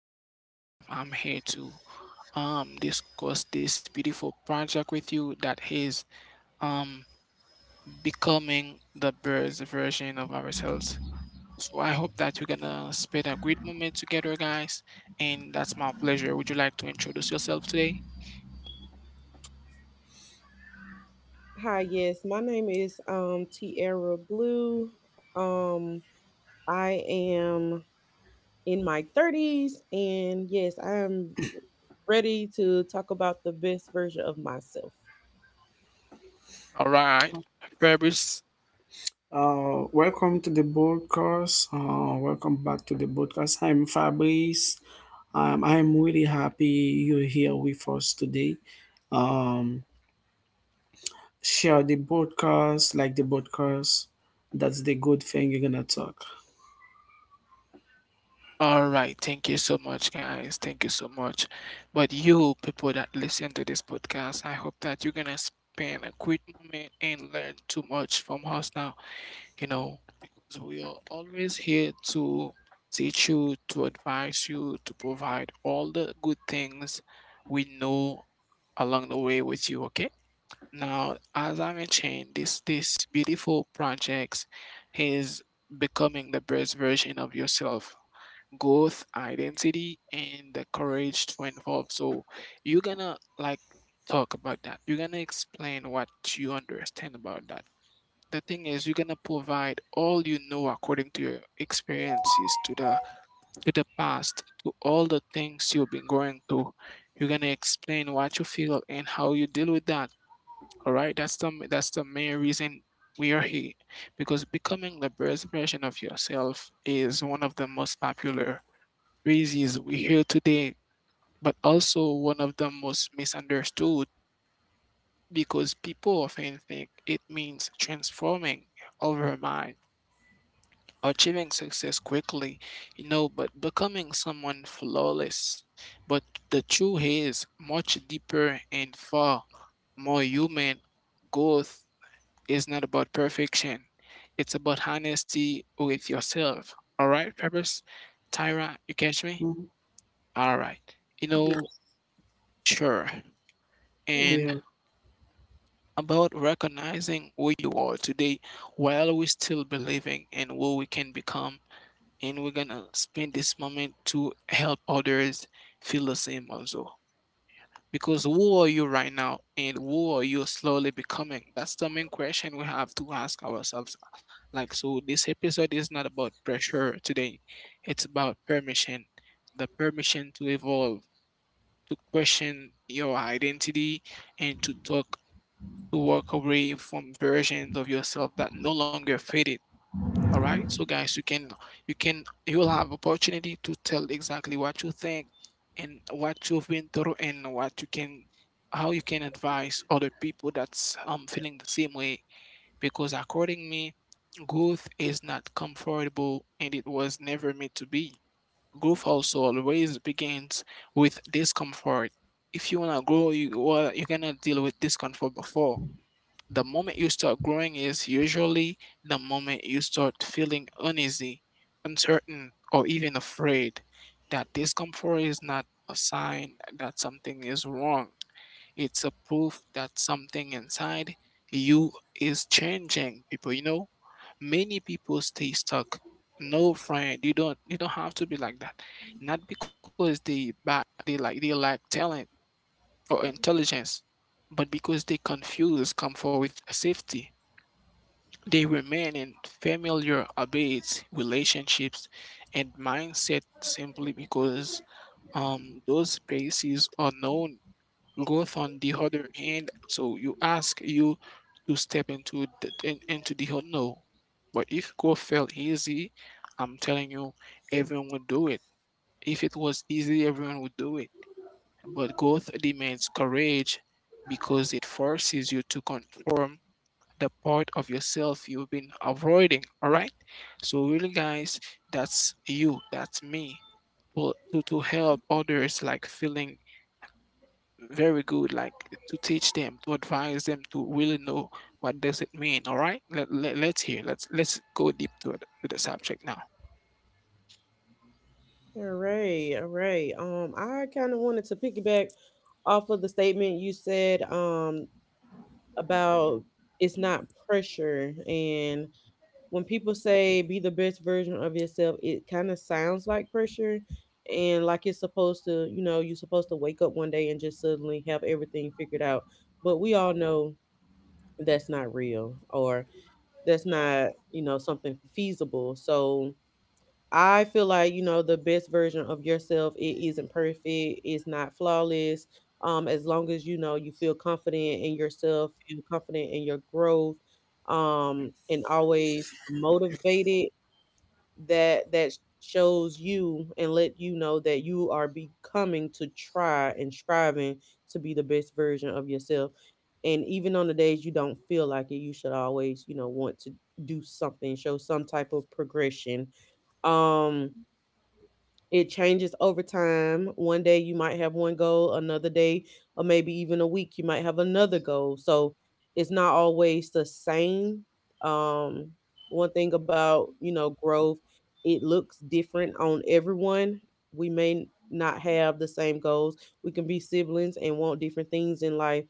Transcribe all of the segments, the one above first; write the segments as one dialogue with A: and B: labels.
A: name is Joseph. I'm here to discuss this beautiful project with you that is um becoming the best version of ourselves. So I hope that you're gonna spend a great moment together, guys. And that's my pleasure. Would you like to introduce yourself today?
B: Hi, yes. My name is Tierra Blue. I am in my 30s, and yes, I am ready to talk about the best version of myself.
A: All right, Fabrice.
C: Welcome to the podcast. Welcome back to the podcast. I'm Fabrice. I'm really happy you're here with us today. Um, Share the podcast, like the podcast. That's the good thing you're gonna talk.
A: All right, thank you so much, guys. Thank you so much. But you people that listen to this podcast, I hope that you're gonna spend a quick moment and learn too much from us now. You know, because we are always here to teach you, to advise you, to provide all the good things we know along the way with you. Okay. Now, as I mentioned, this beautiful project is becoming the best version of yourself, growth, identity, and the courage to involve. So you're gonna like talk about that. You're gonna explain what you understand about that. The thing is, you're gonna provide all you know according to your experiences, to the past, to all the things you've been going through. You're gonna explain what you feel and how you deal with that. All right, that's the main reason we are here because becoming the best version of yourself is one of the most popular reasons we hear today, but also one of the most misunderstood because people often think it means transforming over mind, achieving success quickly, you know, but becoming someone flawless. But the truth is much deeper and far more human. Growth is not about perfection. It's about honesty with yourself. All right, Peppers? Tyra, you catch me?
C: Mhm.
A: All right. You know. Sure. And
C: Yeah.
A: about recognizing who you are today while we still believing in who we can become. And we're gonna spend this moment to help others feel the same also. Because who are you right now and who are you slowly becoming? That's the main question we have to ask ourselves. Like, so this episode is not about pressure today, it's about permission, the permission to evolve, to question your identity, and to talk, to walk away from versions of yourself that no longer fit it. All right. So guys, you'll have opportunity to tell exactly what you think and what you've been through and what you can how you can advise other people that's feeling the same way because according to me growth is not comfortable and it was never meant to be. Growth also always begins with discomfort. If you want to grow, you well, you're gonna deal with discomfort before. The moment you start growing is usually the moment you start feeling uneasy, uncertain, or even afraid. That discomfort is not a sign that something is wrong, it's a proof that something inside you is changing. People, you know, many people stay stuck. No, friend, you don't have to be like that. Not because they back they like they lack talent or intelligence, but because they confuse comfort with safety. They remain in familiar habits, relationships, and mindset simply because those spaces are known. Growth, on the other hand, so you ask you to step into the unknown. But if growth felt easy, I'm telling you, everyone would do it. If it was easy, everyone would do it. But growth demands courage because it forces you to conform the part of yourself you've been avoiding. All right, so really, guys, that's you, that's me, to help others like feeling very good, like to teach them, to advise them, to really know what does it mean. All right, let's hear, let's go deep to the subject now.
B: All right, all right. I kind of wanted to piggyback off of the statement you said about it's not pressure, and when people say be the best version of yourself, it kind of sounds like pressure and like it's supposed to, you know, you're supposed to wake up one day and just suddenly have everything figured out. But we all know that's not real, or that's not, you know, something feasible. So I feel like, you know, the best version of yourself, it isn't perfect, it's not flawless. As long as you know you feel confident in yourself, feel confident in your growth, and always motivated, that shows you and let you know that you are becoming to try and striving to be the best version of yourself. And even on the days you don't feel like it, you should always, you know, want to do something, show some type of progression. um it changes over time. One day you might have one goal, another day, or maybe even a week, you might have another goal. So it's not always the same. Um, one thing about, you know, growth, it looks different on everyone. We may not have the same goals. We can be siblings and want different things in life.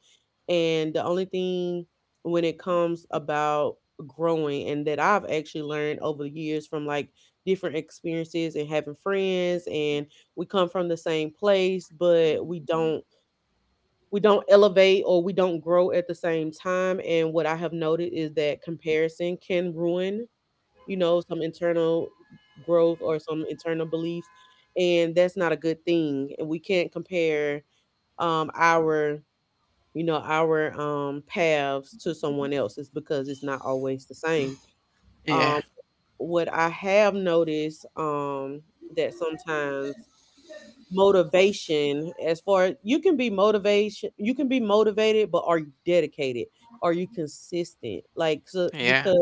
B: And the only thing when it comes about growing, and that I've actually learned over the years from like different experiences and having friends, and we come from the same place, but we don't elevate or we don't grow at the same time. And what I have noted is that comparison can ruin, you know, some internal growth or some internal belief, and that's not a good thing. And we can't compare our, you know, our paths to someone else's because it's not always the same. um
A: Yeah,
B: what I have noticed, that sometimes motivation, as far as you can be motivation, you can be motivated, but are you dedicated? Are you consistent? Like, so,
A: yeah,
B: because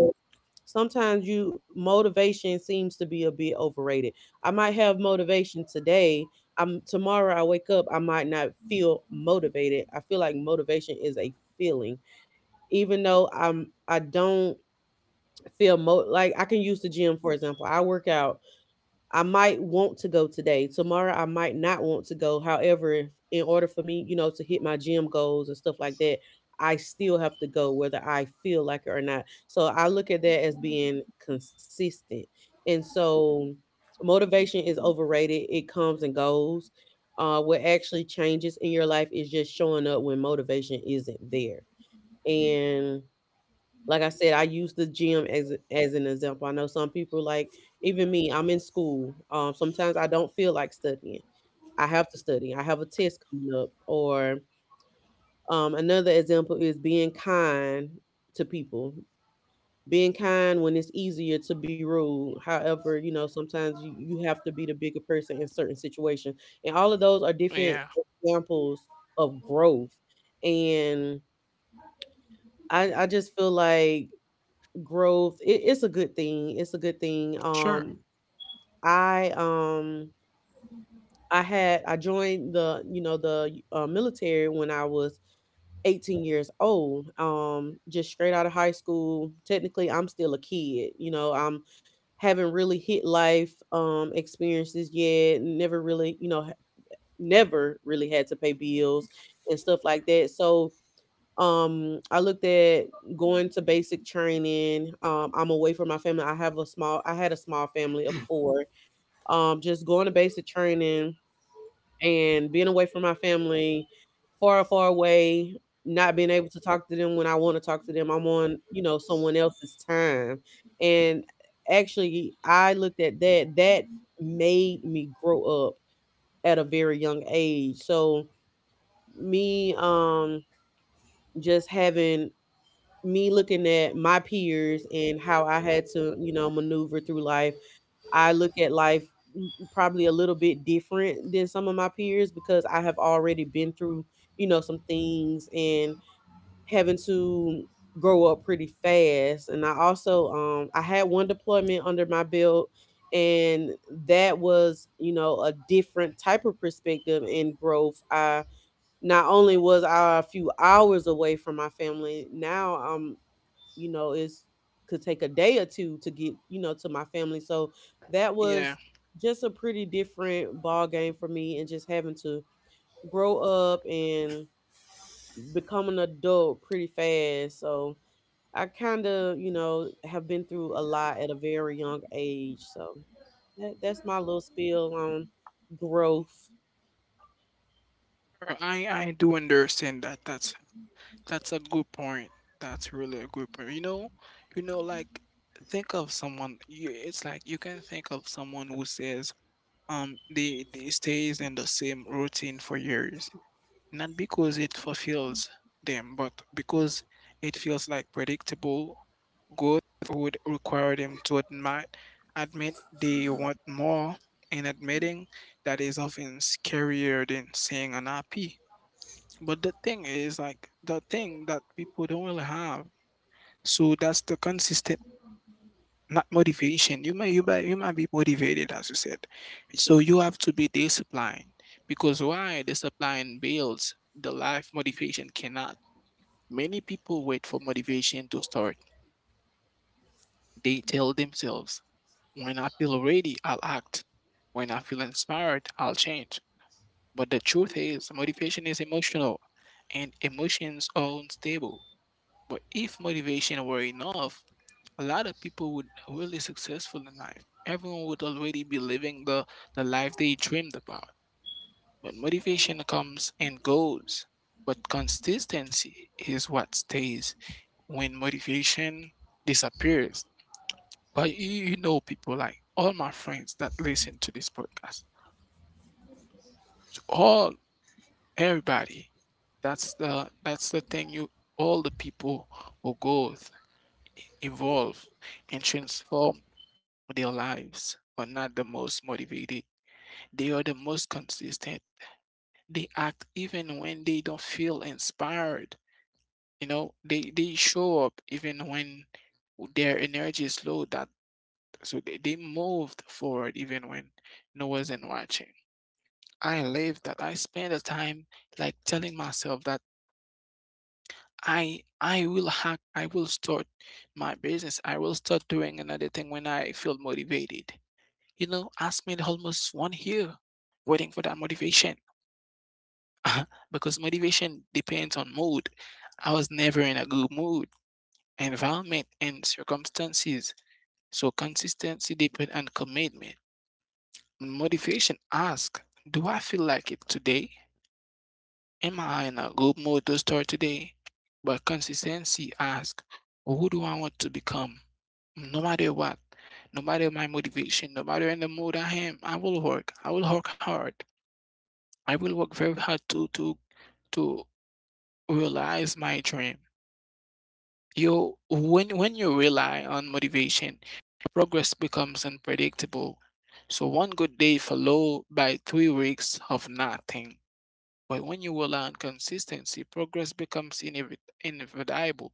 B: sometimes you motivation seems to be a bit overrated. I might have motivation today. I'm tomorrow I wake up I might not feel motivated. I feel like motivation is a feeling. Even though I don't feel mo like, I can use the gym for example. I work out, I might want to go today. Tomorrow, I might not want to go. However, if, in order for me, you know, to hit my gym goals and stuff like that, I still have to go whether I feel like it or not. So I look at that as being consistent. And so motivation is overrated. It comes and goes. What actually changes in your life is just showing up when motivation isn't there. And like I said, I use the gym as an example. I know some people like, even me. I'm in school. Sometimes I don't feel like studying. I have to study. I have a test coming up. Or another example is being kind to people. Being kind when it's easier to be rude. However, you know, sometimes you have to be the bigger person in certain situations, and all of those are
A: yeah.
B: different examples of growth. And I just feel like growth, it's a good thing, it's a good thing.
A: Sure.
B: I um I had I joined, the you know, the military when I was 18 years old, just straight out of high school. Technically I'm still a kid, you know, I'm haven't really hit life experiences yet, never really, you know, never really had to pay bills and stuff like that. So I looked at going to basic training. I'm away from my family. I have a small I had a small family of four. Just going to basic training and being away from my family, far, far away, not being able to talk to them when I want to talk to them. I'm on, you know, someone else's time. And actually I looked at that. That made me grow up at a very young age. So me just having me looking at my peers and how I had to, you know, maneuver through life, I look at life probably a little bit different than some of my peers because I have already been through, you know, some things and having to grow up pretty fast. And I also I had one deployment under my belt, and that was, you know, a different type of perspective and growth. I not only was I a few hours away from my family, now I'm, you know, it's could take a day or two to get, you know, to my family. So that
A: Yeah.
B: was just a pretty different ball game for me, and just having to grow up and become an adult pretty fast. So I kind of, you know, have been through a lot at a very young age. So that's my little spiel on growth.
A: Sure, I do understand that. That's a good point. That's really a good point. You know, like think of someone. It's like you can think of someone who says, they stays in the same routine for years, not because it fulfills them, but because it feels like predictable. Growth would require them to admit they want more, and admitting that is often scarier than saying unhappy. But the thing is, like, the thing that people don't really have. So that's the consistent, not motivation. You might be motivated, as you said. So you have to be disciplined because why discipline builds the life motivation cannot. Many people wait for motivation to start. They tell themselves, "When I feel ready, I'll act. When I feel inspired, I'll change." But the truth is, motivation is emotional, and emotions are unstable. But if motivation were enough, a lot of people would really successful in life. Everyone would already be living the life they dreamed about. But motivation comes and goes. But consistency is what stays when motivation disappears. But you know people like all my friends that listen to this podcast. To all, everybody. That's the thing, you, all the people will go evolve, and transform their lives are not the most motivated. They are the most consistent. They act even when they don't feel inspired. You know, they show up even when their energy is low. That, so they moved forward even when no one wasn't watching. I live that. I spend the time like telling myself that I will start my business. I will start doing another thing when I feel motivated. You know, I spent almost one year waiting for that motivation because motivation depends on mood. I was never in a good mood, environment, and circumstances. So consistency depends on commitment. Motivation asks, do I feel like it today? Am I in a good mood to start today? But consistency asks, who do I want to become? No matter what, no matter my motivation, no matter in the mood I am, I will work. I will work hard. I will work very hard to realize my dream. You when you rely on motivation, your progress becomes unpredictable. So one good day followed by 3 weeks of nothing. But when you rely on consistency, progress becomes inevitable.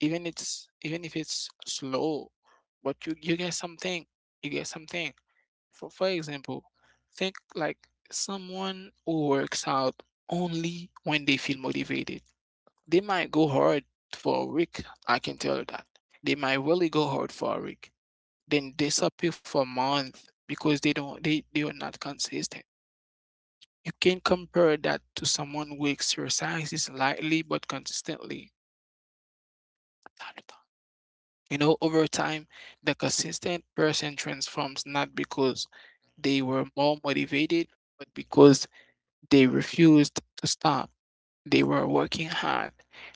A: Even if it's slow, but you get something. You get something. For example, think like someone who works out only when they feel motivated. They might go hard for a week, I can tell you that. They might really go hard for a week, then disappear for a month because they don't they are not consistent. You can compare that to someone who exercises lightly but consistently. You know, over time, the consistent person transforms not because they were more motivated, but because they refused to stop. They were working hard.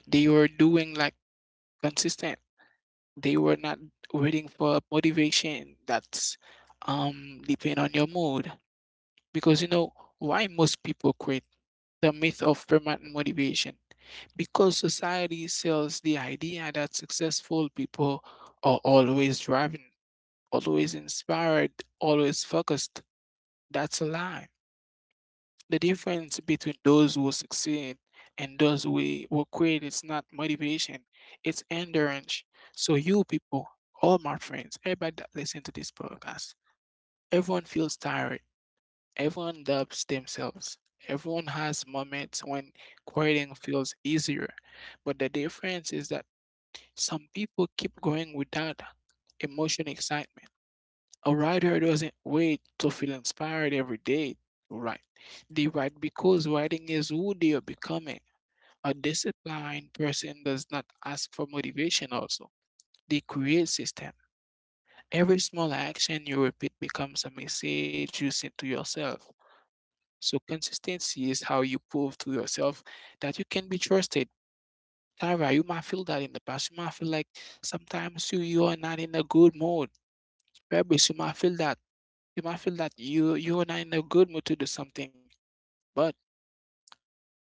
A: They were doing like consistent. They were not waiting for motivation that's depend on your mood. Because you know why most people quit? The myth of permanent motivation. Because society sells the idea that successful people are always driving, always inspired, always focused. That's a lie. The difference between those who succeed and those who quit is not motivation, it's endurance. So you people, all my friends, everybody that listen to this podcast, everyone feels tired. Everyone doubts themselves. Everyone has moments when quitting feels easier. But the difference is that some people keep going without emotional excitement. A writer doesn't wait to feel inspired every day to write. They write because writing is who they are becoming. A disciplined person does not ask for motivation also. They create system. Every small action you repeat becomes a message you send to yourself. So consistency is how you prove to yourself that you can be trusted. Tyra, you might feel that in the past. You might feel like sometimes you are not in a good mood. Rebels, you might feel that. You might feel that you are not in a good mood to do something, but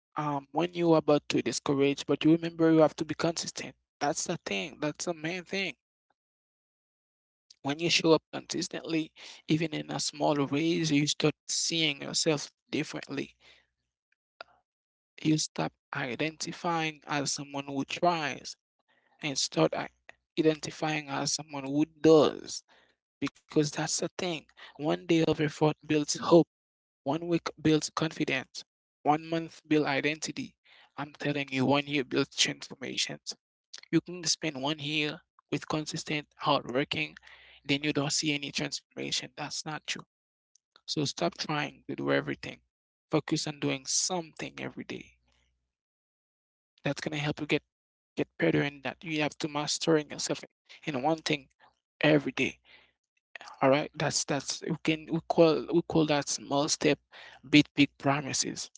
A: when you are about to discourage, but you remember you have to be consistent. That's the thing. That's the main thing. When you show up consistently, even in a small ways, you start seeing yourself differently. You stop identifying as someone who tries and start identifying as someone who does. Because that's the thing. One day of effort builds hope. One week builds confidence, one month builds identity. I'm telling you, one year builds transformations. You can spend one year with consistent hard working, then you don't see any transformation. That's not true. So stop trying to do everything. Focus on doing something every day. That's gonna help you get better in that. You have to mastering yourself in one thing every day. All right, that's we can we call that small step beat big promises.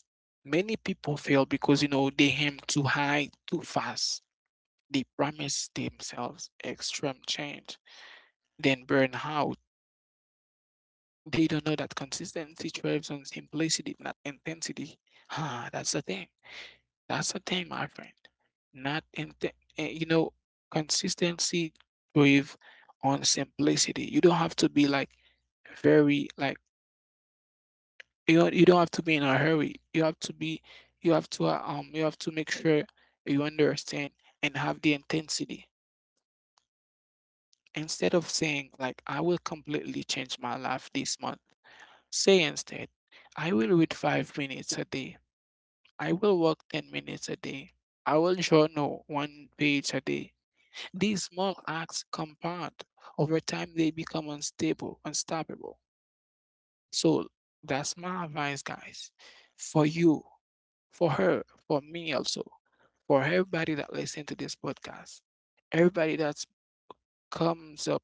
A: Many people fail because you know they aim too high too fast. They promise themselves extreme change, then burn out. They don't know that consistency thrives on simplicity, not intensity. That's the thing. That's the thing, my friend. Not in you know consistency thrives on simplicity. You don't have to be like very like you don't have to be in a hurry. You have to make sure you understand and have the intensity. Instead of saying like I will completely change my life this month, say instead, I will read 5 minutes a day. I will walk 10 minutes a day. I will journal one page a day. These small acts compound. Over time they become unstoppable. So that's my advice, guys, for you, for her, for me also, for everybody that listen to this podcast, everybody that comes up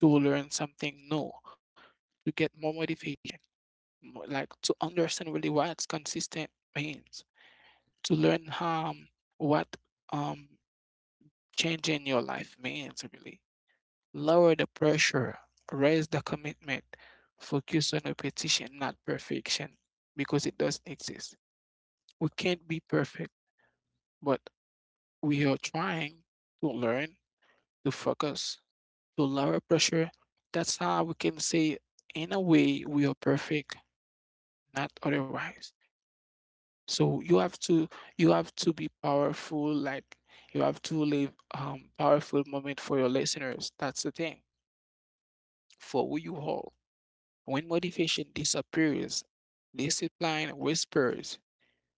A: to learn something new, to get more motivation, like to understand really what consistent means, to learn how what um changing your life means really. Lower the pressure, raise the commitment, focus on repetition, not perfection, because it doesn't exist. We can't be perfect, but we are trying to learn to focus, to lower pressure. That's how we can say, in a way, we are perfect, not otherwise. So you have to be powerful. Like you have to leave powerful moment for your listeners. That's the thing for who you hold. When motivation disappears, discipline whispers.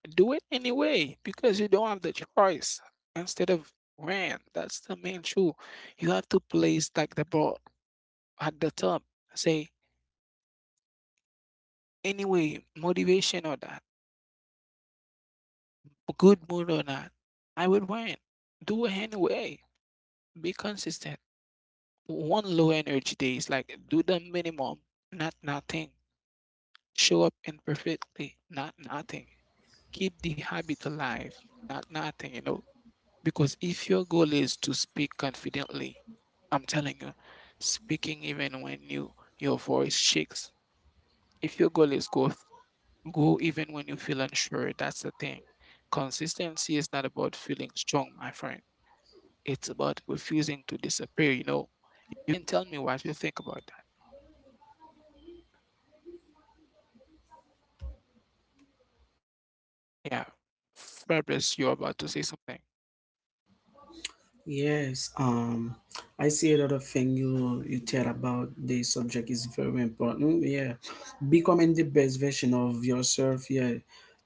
A: Do it anyway because you don't have the choice instead of when. That's the main truth. You have to place like the ball at the top. Say, anyway, motivation or that, good mood or not, I would win. Do it anyway. Be consistent. One low energy day is like do the minimum, not nothing. Show up imperfectly, not nothing. Keep the habit alive, not nothing, you know. Because if your goal is to speak confidently, I'm telling you, speaking even when you your voice shakes. If your goal is go, go even when you feel unsure. That's the thing. Consistency is not about feeling strong, my friend. It's about refusing to disappear, you know. You can tell me what you think about that. Yeah. Fabrice, you're about to say something.
C: Yes. I see a lot of things you tell about the subject is very important. Yeah, becoming the best version of yourself. Yeah,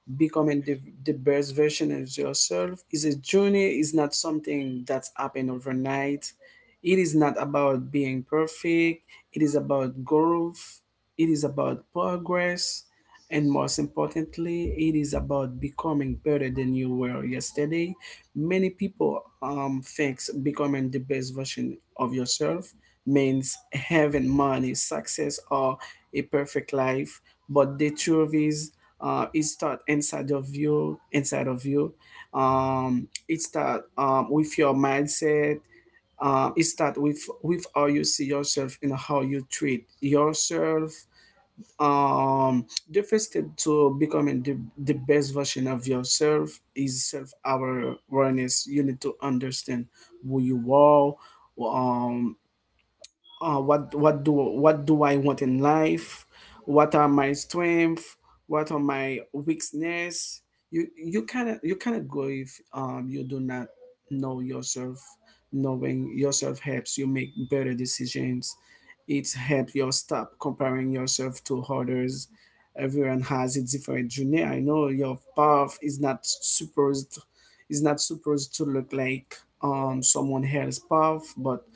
C: becoming the best version of yourself is a journey, is not something that's happened overnight. It is not about being perfect, it is about growth, it is about progress, and most importantly it is about becoming better than you were yesterday. Many people thinks becoming the best version of yourself means having money, success, or a perfect life, but the truth is, it start inside of you, inside of you. It start with your mindset. It start with how you see yourself and how you treat yourself. The first step to becoming the best version of yourself is self awareness. You need to understand who you are. Um, uh, what what do what do I want in life? What are my strengths? What are my weakness? You cannot grow if you do not know yourself. Knowing yourself helps you make better decisions. It helps you stop comparing yourself to others. Everyone has a different journey. I know your path is not supposed, is not supposed to look like someone else's path, but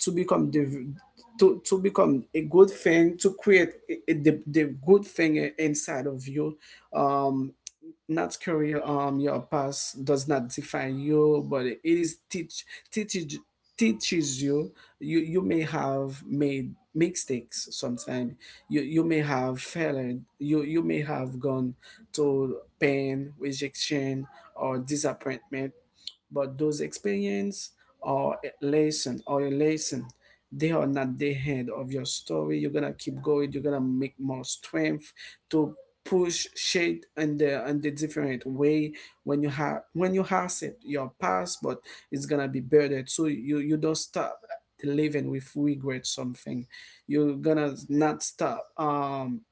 C: to become the, to become a good thing, to create the good thing inside of you. um Not career. Your past does not define you, but it is teaches You you may have made mistakes sometimes, you may have failed, you may have gone to pain, rejection, or disappointment, but those experience or lesson, or your lesson, they are not the end of your story. You're gonna keep going, you're gonna make more strength to push shade in the, in the different way. When you have, when you has it your past, but it's gonna be buried, so you don't stop living with regret something. You're gonna not stop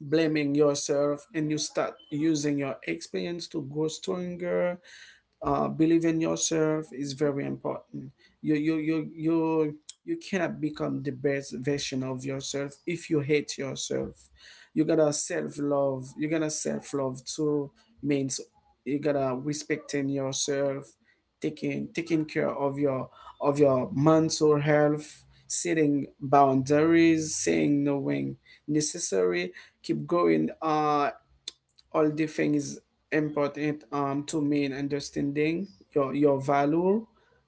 C: blaming yourself, and you start using your experience to grow stronger. Believe in yourself is very important. You you cannot become the best version of yourself if you hate yourself. You gotta self love. You gotta self love too means you gotta respecting yourself, taking care of your mental health, setting boundaries, saying no when necessary, keep going. All the things important to me in understanding your value.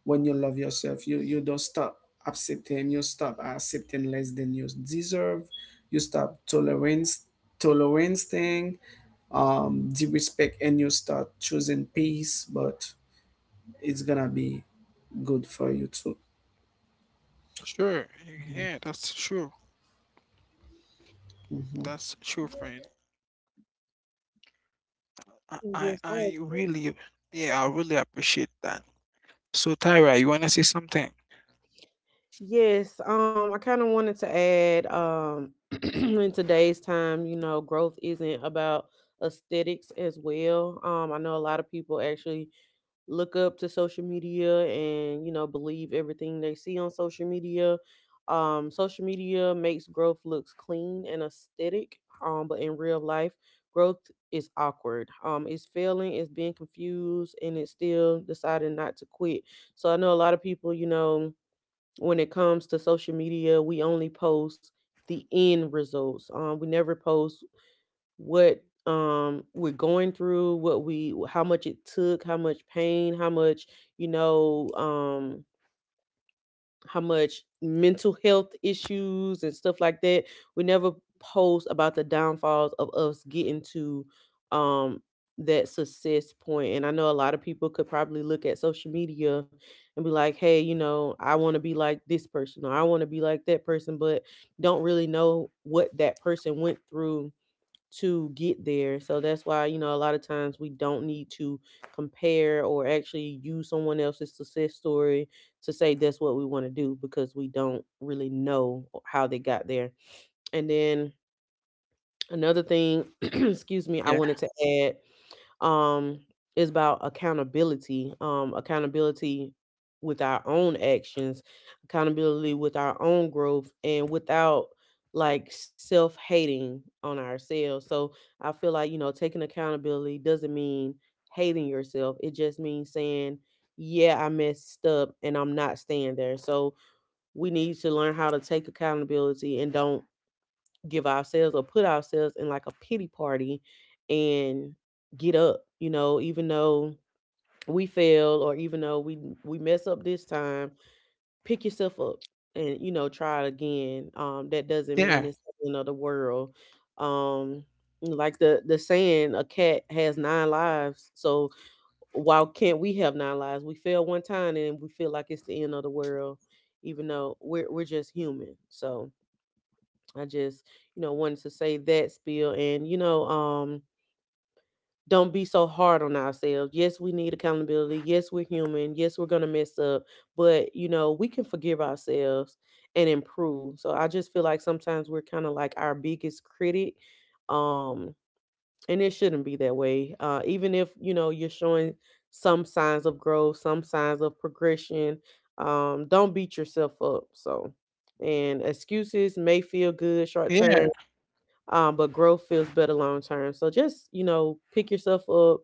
C: When you love yourself, you don't stop accepting, you stop accepting less than you deserve. You stop tolerance, tolerance thing, the respect, and you start choosing peace, but it's gonna be good for you too.
A: Sure. Yeah, that's true. That's true, friend. I, I,
B: Yes
A: I
B: sir.
A: really, yeah, I really appreciate that. So, Tyra, you want to say something?
B: Yes, I kind of wanted to add, in today's time, you know, growth isn't about aesthetics as well. I know a lot of people actually look up to social media and, you know, believe everything they see on social media. Social media makes growth looks clean and aesthetic, but in real life, growth is awkward. It's failing, it's being confused, and it's still deciding not to quit. So I know a lot of people, you know, when it comes to social media, we only post the end results. We never post what we're going through, what we how much it took, how much pain, how much, you know, how much mental health issues and stuff like that. We never post about the downfalls of us getting to um that success point. And I know a lot of people could probably look at social media and be like, hey, you know, I want to be like this person or I want to be like that person, but don't really know what that person went through to get there. So that's why, you know, a lot of times we don't need to compare or actually use someone else's success story to say that's what we want to do because we don't really know how they got there. And then another
A: Yeah.
B: thing, excuse me, I wanted to add um is about accountability, accountability with our own actions, accountability with our own growth, and without like self-hating on ourselves. So I feel like, you know, taking accountability doesn't mean hating yourself, it just means saying, yeah, I messed up and I'm not staying there. So we need to learn how to take accountability and don't give ourselves or put ourselves in like a pity party, and get up, you know, even though we fail or even though we mess up this time, pick yourself up and, you know, try it again. That doesn't
A: Yeah.
B: mean it's the end of the world. um like the saying, a cat has nine lives, so why can't we have nine lives? We fail one time and we feel like it's the end of the world, even though we're just human. So I just, you know, wanted to say that spiel and, you know, don't be so hard on ourselves. Yes, we need accountability. Yes, we're human. Yes, we're going to mess up, but, you know, we can forgive ourselves and improve. So I just feel like sometimes we're kind of like our biggest critic. Um, and it shouldn't be that way. Even if, you know, you're showing some signs of growth, some signs of progression, don't beat yourself up. So, and excuses may feel
A: Yeah.
B: good short term, but growth feels better long term. So just, you know, pick yourself up,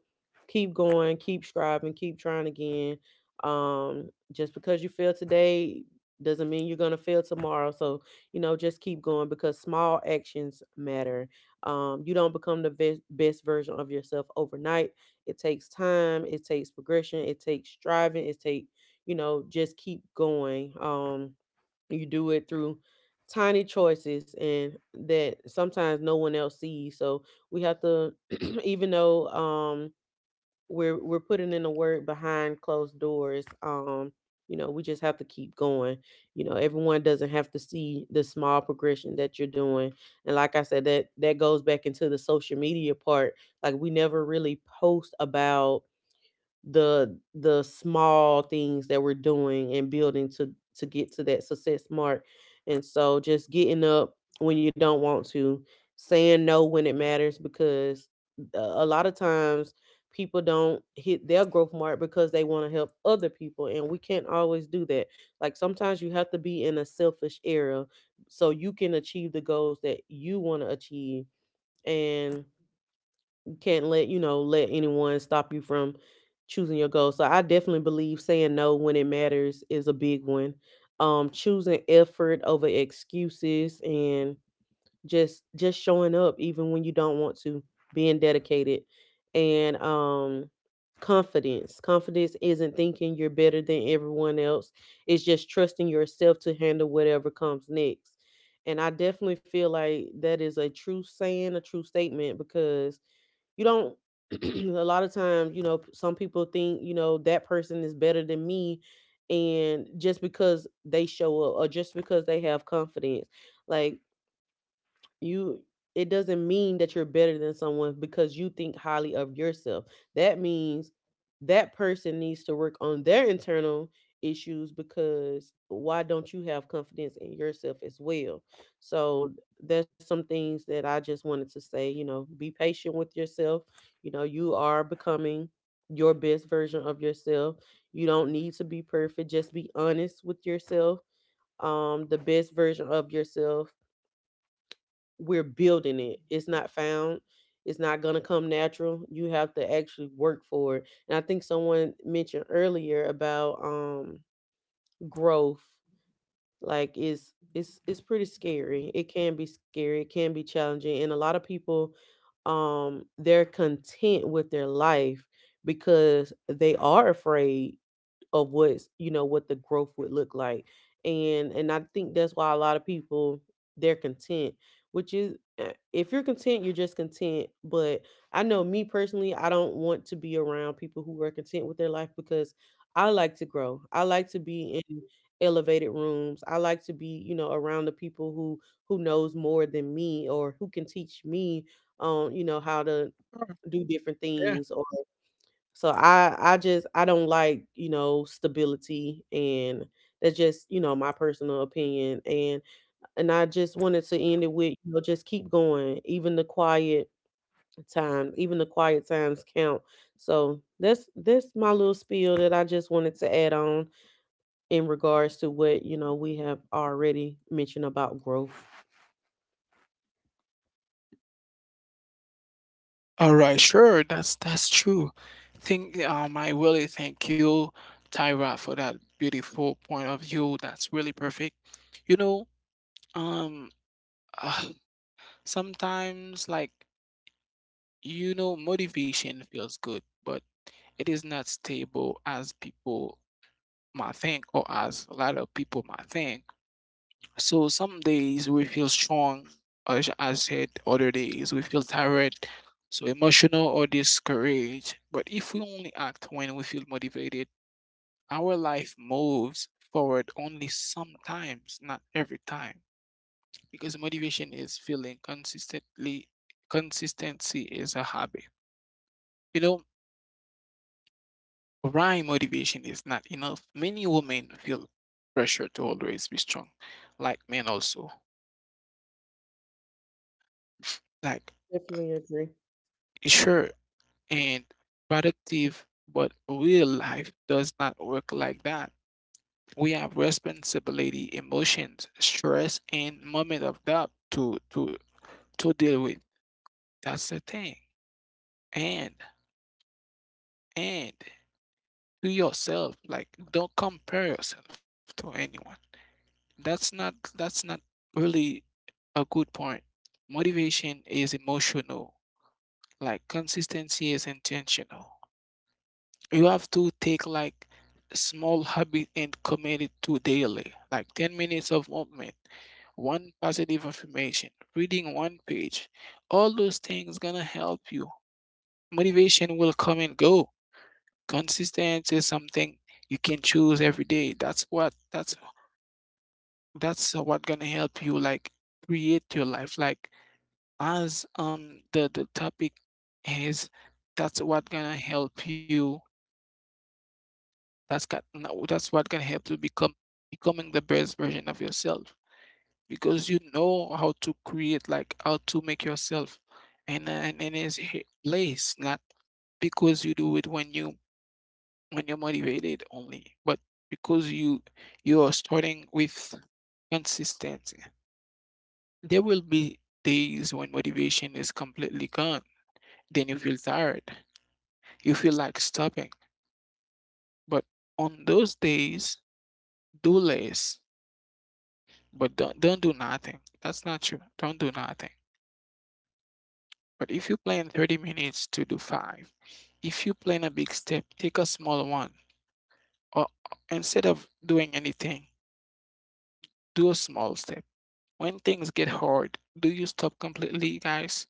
B: keep going, keep striving, keep trying again. Just because you fail today doesn't mean you're gonna fail tomorrow. So, you know, just keep going because small actions matter. You don't become the best, best version of yourself overnight. It takes time. It takes progression. It takes striving. It takes, you know, just keep going. You do it through tiny choices and that sometimes no one else sees, so we have to even though we're putting in the work behind closed doors, you know, we just have to keep going. You know, everyone doesn't have to see the small progression that you're doing. And like I said, that goes back into the social media part. Like, we never really post about the small things that we're doing and building to get to that success mark. And so, just getting up when you don't want to, saying no when it matters, because a lot of times people don't hit their growth mark because they want to help other people, and we can't always do that. Like, sometimes you have to be in a selfish era so you can achieve the goals that you want to achieve. And you can't let, you know, let anyone stop you from choosing your goal. So I definitely believe saying no when it matters is a big one. Choosing effort over excuses, and just showing up even when you don't want to, being dedicated. And confidence isn't thinking you're better than everyone else. It's just trusting yourself to handle whatever comes next. And I definitely feel like that is a true saying, a true statement, because you don't a lot of times, you know, some people think, you know, that person is better than me, and just because they show up, or just because they have confidence, like, you, it doesn't mean that you're better than someone because you think highly of yourself. That means that person needs to work on their internal issues, because why don't you have confidence in yourself as well? So, there's some things that I just wanted to say, you know, be patient with yourself. You know, you are becoming your best version of yourself. You don't need to be perfect, just be honest with yourself. The best version of yourself, we're building it. It's not found. It's not going to come natural. You have to actually work for it. And I think someone mentioned earlier about growth, like, is it's pretty scary. It can be scary. It can be challenging. And a lot of people, they're content with their life because they are afraid of what's, you know, what the growth would look like. And I think that's why a lot of people, they're content, which is, if you're content, you're just content. But I know, me personally, I don't want to be around people who are content with their life, because I like to grow. I like to be in elevated rooms. I like to be, you know, around the people who knows more than me, or who can teach me, you know, how to do different
A: Yeah.
B: things. So I just, I don't like, you know, stability, and that's just, you know, my personal opinion. And I just wanted to end it with, you know, just keep going. Even the quiet time, even the quiet times count. So that's my little spiel that I just wanted to add on in regards to what, you know, we have already mentioned about growth.
A: All right, sure. That's true. Think I really thank you, Tyra, for that beautiful point of view. That's really perfect. You know, um, ah, sometimes like you know, motivation feels good, but it is not stable as people might think or as a lot of people might think. So some days we feel strong, as I said, other days we feel tired, so emotional or discouraged. But if we only act when we feel motivated, our life moves forward only sometimes, not every time. Because motivation is feeling consistently, consistency is a habit. You know, why motivation is not enough? Many women feel pressure to always be strong, like men also. Like,
B: Definitely agree.
A: sure, and productive, but real life does not work like that. We have responsibility, emotions, stress, and moment of doubt to deal with. That's the thing. And and to yourself, like don't compare yourself to anyone. That's not really a good point. Motivation is emotional, like consistency is intentional. You have to take like small habit and commit it to daily, like 10 minutes of movement, one positive affirmation, reading one page. All those things gonna help you. Motivation will come and go. Consistency is something you can choose every day. That's what gonna help you, like create your life, like as the topic is. That's what gonna help you. That's got, no, That's what can help you become becoming the best version of yourself, because you know how to create, like how to make yourself. And in his place, not because you do it when you when you're motivated only, but because you are starting with consistency. There will be days when motivation is completely gone. Then you feel tired. You feel like stopping. But on those days, do less. But don't do nothing. That's not you. Don't do nothing. But if you plan 30 minutes to do five, if you plan a big step, take a small one. Or instead of doing anything, do a small step. When things get hard, do you stop completely, guys?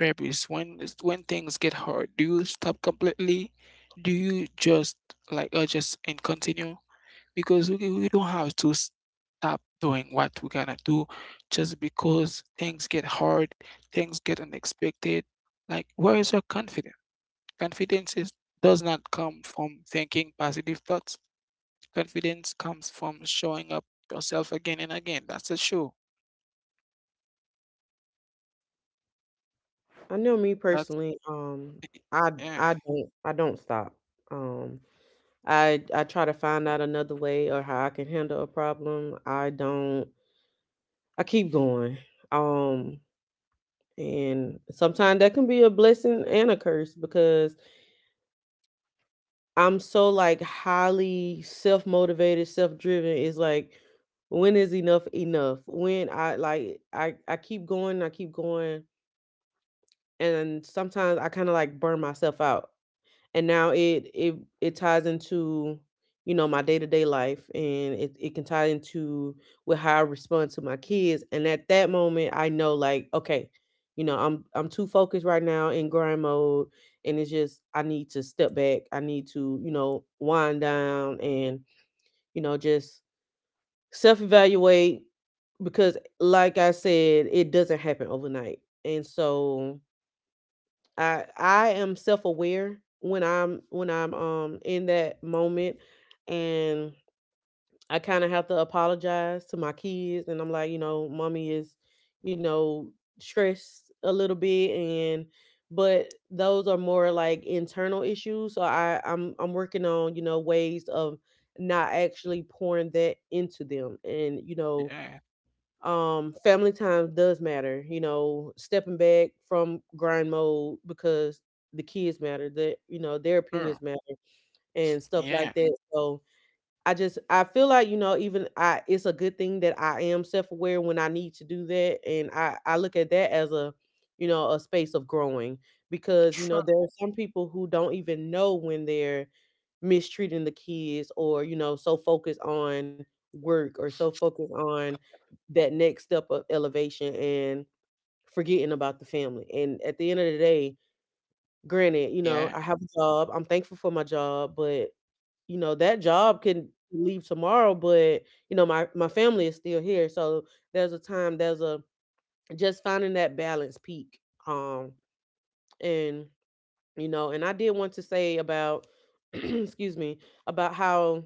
A: Therapists, when things get hard, do you stop completely? Do you just like or just and continue? Because we don't have to stop doing what we're gonna do just because things get hard, things get unexpected. Like, where is your confidence? Confidence does not come from thinking positive thoughts. Confidence comes from showing up yourself again and again. That's a show.
B: I know, me
A: That's
B: personally, i
A: yeah,
B: I don't, I don't stop. um I try to find out another way, or how I can handle a problem. I don't, I keep going. um And sometimes that can be a blessing and a curse, because I'm so, like, highly self motivated, self driven. It's like, when is enough enough? When I, like, I keep going, I keep going. And sometimes I kind of like burn myself out, and now it ties into, you know, my day-to-day life. And it can tie into with how I respond to my kids. And at that moment, I know, like, okay, you know, I'm too focused right now in grind mode, and it's just, I need to step back. I need to, you know, wind down, and you know, just self-evaluate, because like I said, it doesn't happen overnight. And so I am self-aware when I'm in that moment. And I kind of have to apologize to my kids, and I'm like, you know, mommy is, you know, stressed a little bit. And but those are more like internal issues. So I'm working on, you know, ways of not actually pouring that into them. And you know,
A: yeah,
B: family time does matter, you know, stepping back from grind mode, because the kids matter, that, you know, their
A: sure,
B: opinions matter, and stuff like
A: yeah,
B: that. So I just, I feel like, you know, even I, it's a good thing that I am self-aware when I need to do that. And I look at that as a, you know, a space of growing, because you know,
A: sure,
B: there are some people who don't even know when they're mistreating the kids, or you know, so focused on work, or so focused on that next step of elevation, and forgetting about the family. And at the end of the day, granted, you know, I
A: yeah,
B: have a job. I'm thankful for my job, but you know, that job can leave tomorrow, but you know, my family is still here. So there's a time, there's a just finding that balance peak. Um and you know, and I did want to say about excuse me, about how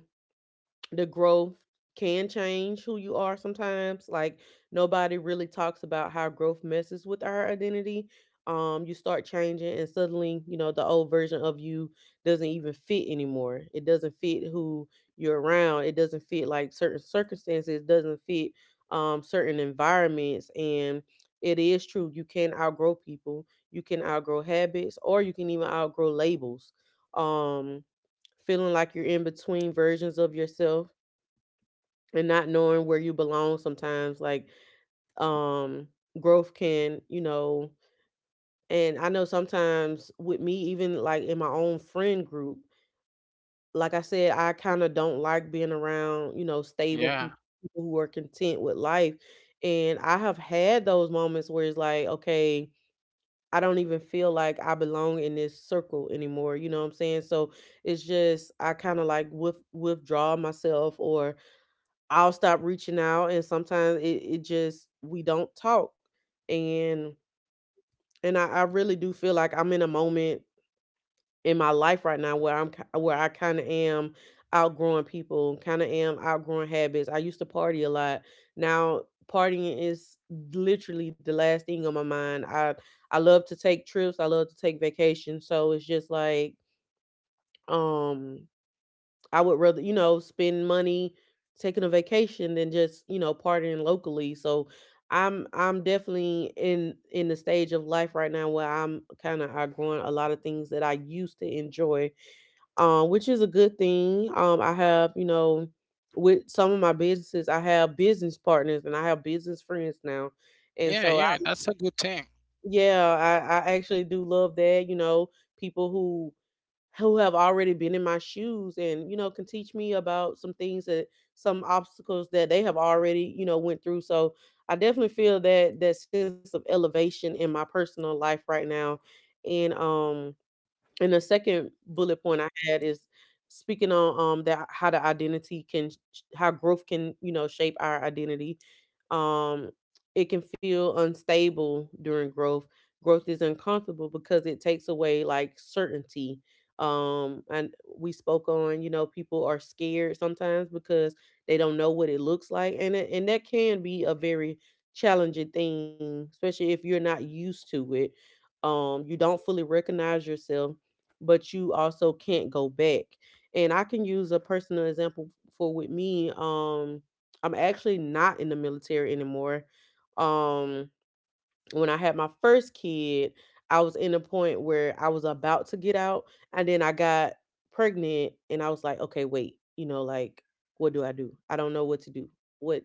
B: the growth can change who you are sometimes. Like, nobody really talks about how growth messes with our identity. You start changing and suddenly, you know, the old version of you doesn't even fit anymore. It doesn't fit who you're around. It doesn't fit like certain circumstances. It doesn't fit certain environments. And it is true, you can outgrow people, you can outgrow habits, or you can even outgrow labels. Um, feeling like you're in between versions of yourself and not knowing where you belong sometimes, like, um growth can, you know. And I know sometimes with me, even like in my own friend group, like I said, I kind of don't like being around, you know, stable
A: yeah,
B: people, people who are content with life. And I have had those moments where it's like, okay, I don't even feel like I belong in this circle anymore, you know what I'm saying? So it's just, I kind of like with withdraw myself, or I'll stop reaching out, and sometimes it, it just, we don't talk. And and I really do feel like I'm in a moment in my life right now where I kind of am outgrowing people, kind of am outgrowing habits. I used to party a lot. Now, partying is literally the last thing on my mind. I love to take trips, I love to take vacations, so it's just like, um I would rather, you know, spend money taking a vacation than just, you know, partying locally. So I'm definitely in the stage of life right now where I'm kind of outgrowing a lot of things that I used to enjoy, which is a good thing. I have, you know, with some of my businesses, I have business partners and I have business friends now, and
A: yeah,
B: so
A: yeah.
B: I,
A: That's a good thing.
B: yeah, I actually do love that. You know, people who have already been in my shoes, and you know, can teach me about some things, that some obstacles that they have already, you know, went through. So I definitely feel that that sense of elevation in my personal life right now. And and the second bullet point I had is speaking on that how the identity can how growth can, you know, shape our identity. Um, it can feel unstable during growth. Growth is uncomfortable because it takes away like certainty. And we spoke on, you know, people are scared sometimes because they don't know what it looks like, and that can be a very challenging thing, especially if you're not used to it. You don't fully recognize yourself, but you also can't go back. And I can use a personal example for with me. I'm actually not in the military anymore. Um, when I had my first kid, I was in a point where I was about to get out, and then I got pregnant, and I was like, okay, wait, you know, like, what do? I don't know what to do. What,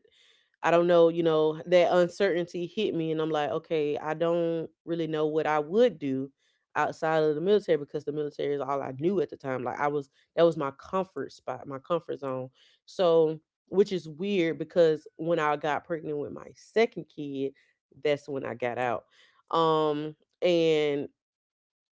B: I don't know, you know, that uncertainty hit me, and I'm like, okay, I don't really know what I would do outside of the military, because the military is all I knew at the time. Like, I was, that was my comfort spot, my comfort zone. So, which is weird, because when I got pregnant with my second kid, that's when I got out. Um and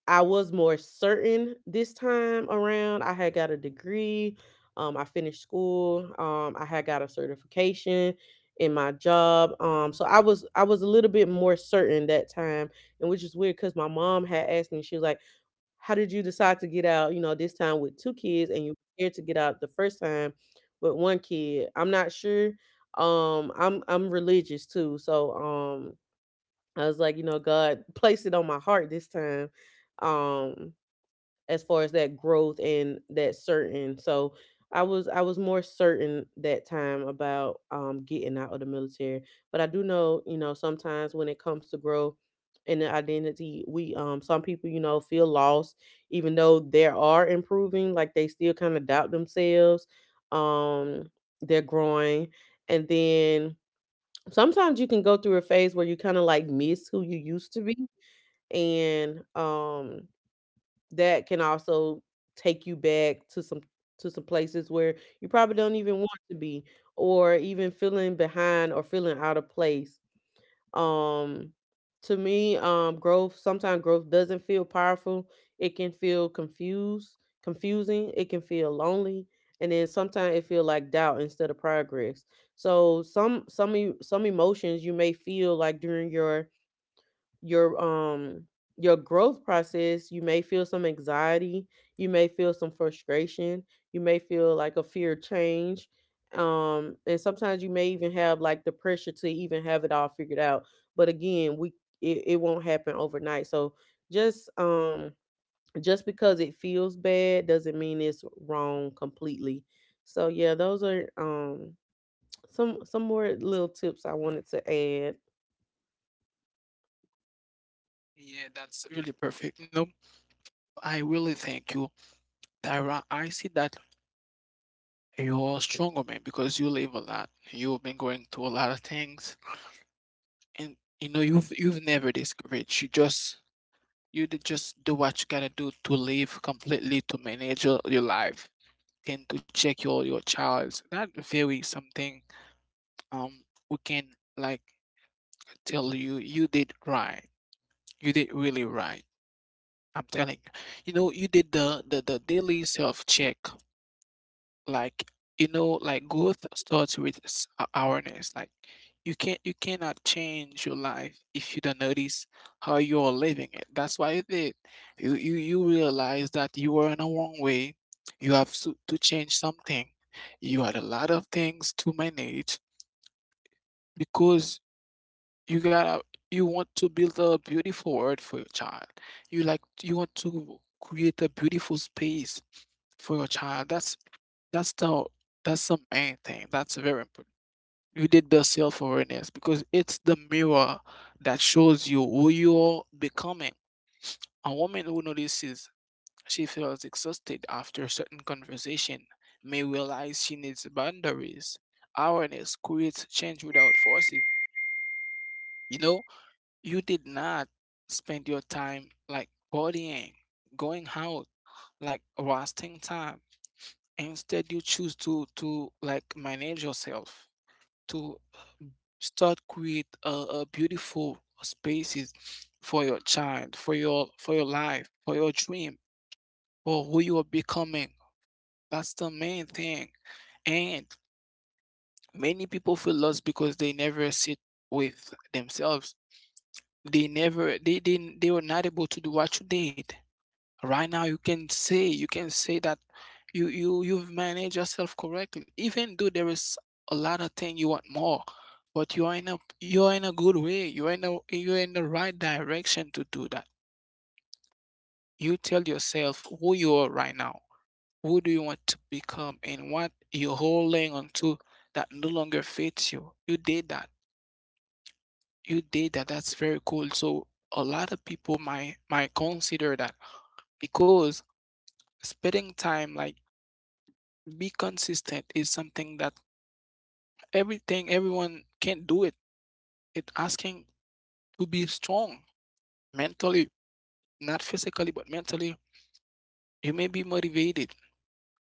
B: I was more certain this time around. I had got a degree. I finished school. I had got a certification in my job. So I was a little bit more certain that time. And which is weird, because my mom had asked me. She was like, "How did you decide to get out? You know, this time with two kids, and you were scared to get out the first time with one kid." I'm not sure. I'm religious too, so I was like, you know, God placed it on my heart this time, um, as far as that growth and that certain. So I was more certain that time about getting out of the military. But I do know, you know, sometimes when it comes to growth and the identity, we some people, you know, feel lost, even though they are improving, like they still kind of doubt themselves. Um, they're growing. And then sometimes you can go through a phase where you kind of like miss who you used to be. And that can also take you back to some places where you probably don't even want to be, or even feeling behind or feeling out of place. um to me, growth, sometimes growth doesn't feel powerful. It can feel confused confusing. It can feel lonely. And then sometimes it feel like doubt instead of progress. So some emotions you may feel like during your um your growth process, you may feel some anxiety, you may feel some frustration, you may feel like a fear of change. And sometimes you may even have like the pressure to even have it all figured out. But again, we it, it won't happen overnight. So just um just because it feels bad doesn't mean it's wrong completely. So yeah, those are some more little tips I wanted to add.
A: Yeah, that's really perfect. No, I really thank you, Tyra. I see that you're a stronger man because you live a lot. You've been going through a lot of things, and you know you've never discouraged. Just do what you gotta do to live completely, to manage your life, and to check your child. That very something we can like tell you you did right. You did really right. I'm telling you. You know, you did the daily self check, like you know, like growth starts with awareness. Like you cannot change your life if you don't notice how you're living it. That's why you did you you realize that you are in a wrong way. You have to change something. You had a lot of things to manage because you gotta you want to build a beautiful world for your child. You want to create a beautiful space for your child. That's that's the that's the main thing. That's very important. You did the self awareness because it's the mirror that shows you who you're becoming. A woman who notices she feels exhausted after a certain conversation may realize she needs boundaries. Awareness creates change without forces. You know, you did not spend your time like partying, going out, like wasting time. Instead, you choose to like manage yourself, to start create a beautiful spaces for your child, for your life, for your dream, for who you are becoming. That's the main thing. And many people feel lost because they never sit with themselves. They never they were not able to do what you did. Right now you can say, you can say that you've managed yourself correctly, even though there is a lot of thing you want more, but you are in a good way. You are in the right direction to do that. You tell yourself who you are right now, who do you want to become and what you're holding on to that no longer fits you. You did that. You did that. That's very cool. So a lot of people might consider that, because spending time like be consistent is something that everything everyone can do it. It asking to be strong mentally, not physically but mentally. You may be motivated.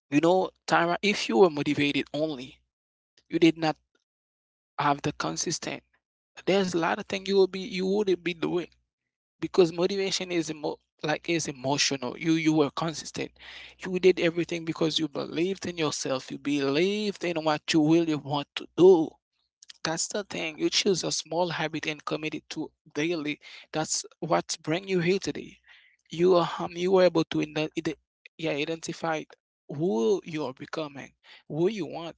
A: You know Tyra, if you were motivated only, you did not have the consistent, there's a lot of things you will be you wouldn't be doing. Because motivation is is emotional. You were consistent. You did everything because you believed in yourself, you believed in what you really want to do. That's the thing. You choose a small habit and commit it to daily. That's what bring you here today. You are you were able to yeah, identify who you are becoming, who you want,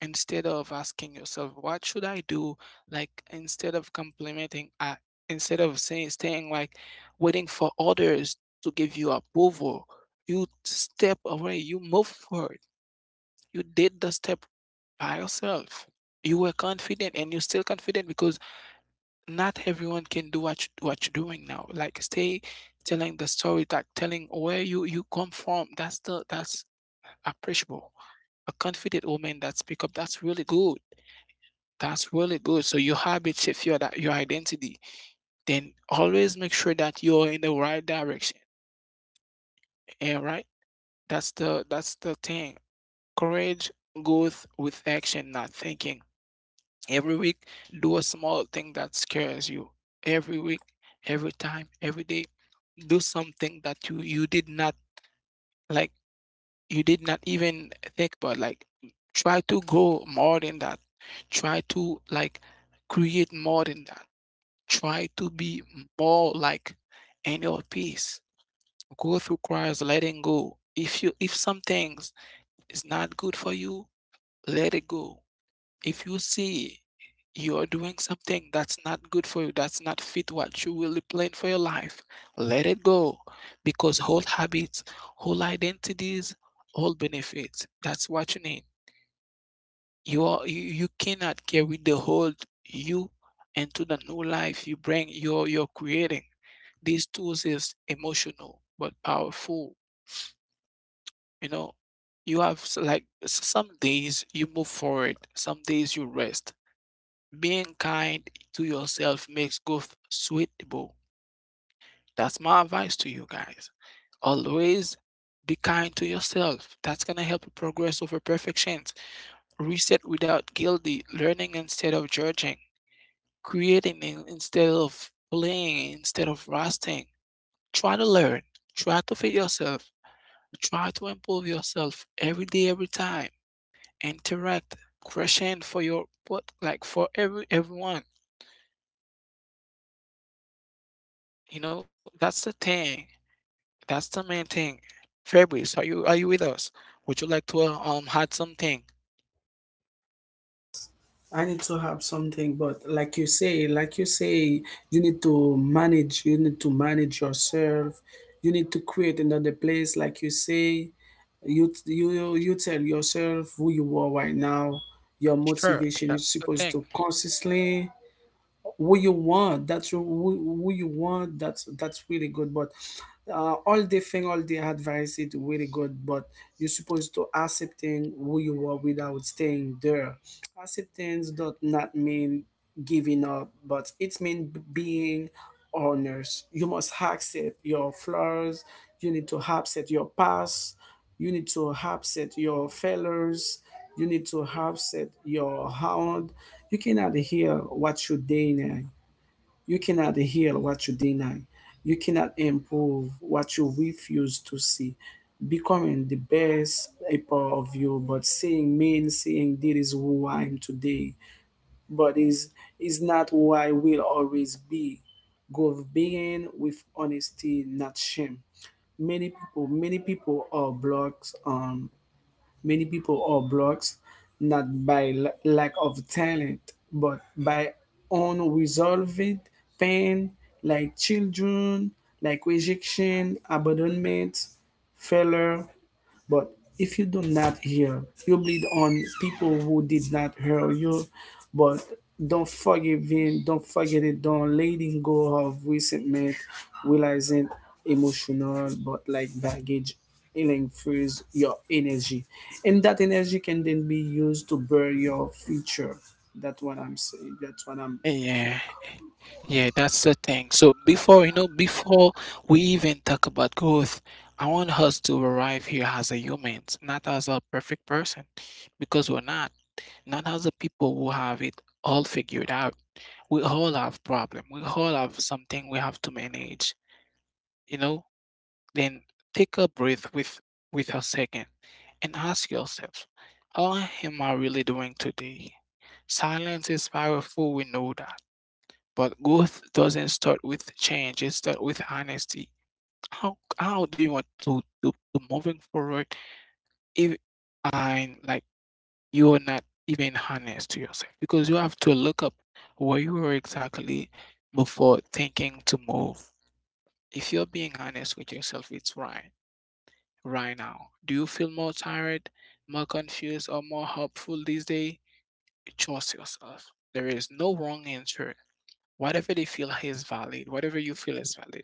A: instead of asking yourself, what should I do? Like instead of complimenting, instead of saying staying like waiting for others to give you approval, you step away. You move forward. You did the step by yourself. You were confident and you're still confident because not everyone can do what you're doing now. Like stay telling the story, like telling where you come from. That's the that's appreciable. A confident woman that speak up, that's really good. That's really good. So your habit shift your identity. Then always make sure that you're in the right direction. And right? That's the thing. Courage goes with action, not thinking. Every week, do a small thing that scares you. Every week, every time, every day, do something that you did not like. You did not even think about. Like, try to go more than that. Try to like create more than that. Try to be more like in your peace. Go through Christ, letting go. If some things is not good for you, let it go. If you see you are doing something that's not good for you, that's not fit what you really plan for your life, let it go. Because whole habits, whole identities, whole benefits, that's what you need. You are you, you cannot carry the old you into the new life you bring you're creating. These tools is emotional but powerful, you know. You have some days you move forward, some days you rest. Being kind to yourself makes growth sweetable. That's my advice to you guys. Always be kind to yourself. That's gonna help you progress over perfections. Reset without guilty, learning instead of judging, creating instead of playing, instead of rusting. Try to learn, try to fit yourself, try to improve yourself every day, every time. Interact, crush in for your what like for everyone. That's the thing. That's the main thing. Fabrice, are you with us? Would you like to add something?
C: I need to have something, but like you say, you need to manage, you need to manage yourself. You need to create another place, like you say. You tell yourself who you are right now, your
A: Sure, that's
C: motivation. You're
A: the thing.
C: supposed to consistently who you want. That's who you want. That's really good. But all the thing, all the advice is really good. But you're supposed to accepting who you are without staying there. Acceptance does not mean giving up, but it means being honest. You must accept your flaws. You need to accept your past. You need to accept your failures. You need to accept your hound. You cannot hear what you deny. You cannot heal what you deny. You cannot improve what you refuse to see. Becoming the best a part of you, but saying mean, saying this is who I am today, but is not who I will always be. Go being with honesty, not shame. Many people are blocked on. Many people are blocked not by lack of talent, but by unresolved pain, like children, like rejection, abandonment, failure, but if you do not hear, you bleed on people who did not hear you. But don't forgive him, don't forget it, don't letting go of resentment, realizing emotional but like baggage, healing frees your energy. And that energy can then be used to burn your future. That's what I'm saying. That's what I'm think.
A: Yeah, yeah, that's the thing. So before we even talk about growth, I want us to arrive here as a humans, not as a perfect person, because we're not. Not as a people who have it all figured out. We all have problem. We all have something we have to manage. You know, Then take a breath with a second and ask yourself, how am I really doing today? Silence is powerful, we know that. But growth doesn't start with change, it starts with honesty. How do you want to moving forward if I'm like you're not even honest to yourself? Because you have to look up where you were exactly before thinking to move. If you're being honest with yourself, it's right. Right now? Do you feel more tired, more confused, or more hopeful these days? Trust yourself. There is no wrong answer. Whatever they feel is valid, whatever you feel is valid.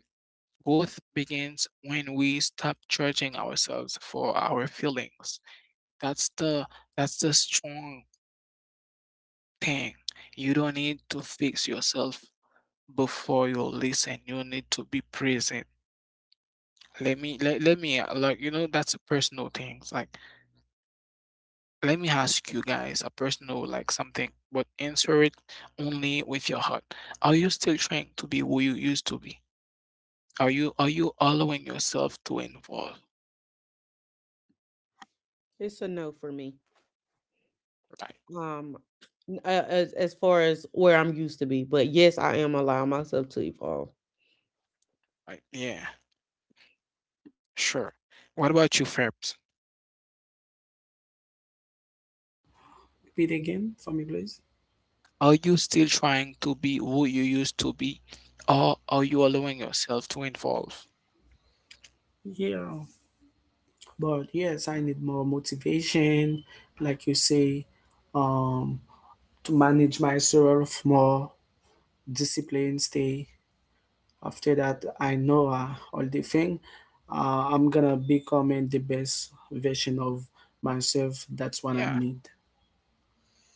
A: Growth begins when we stop judging ourselves for our feelings. That's the that's the strong thing. You don't need to fix yourself before you listen. You need to be present. Let me like that's a personal thing. It's like, let me ask you guys a personal like something, but answer it only with your heart. Are you still trying to be who you used to be? Are you allowing yourself to involve?
B: It's a no for me.
A: Right.
B: um as far as where I'm used to be. But yes, I am allowing myself to evolve.
A: Right. Yeah. Sure. What about you, Fabs?
C: Repeat again for me, please.
A: Are you still trying to be who you used to be, or are you allowing yourself to evolve?
C: Yeah. But yes, I need more motivation, like you say, um, to manage myself more, discipline, stay. After that, I know all the thing. I'm gonna becoming the best version of myself. That's what I
A: Yeah.
C: need.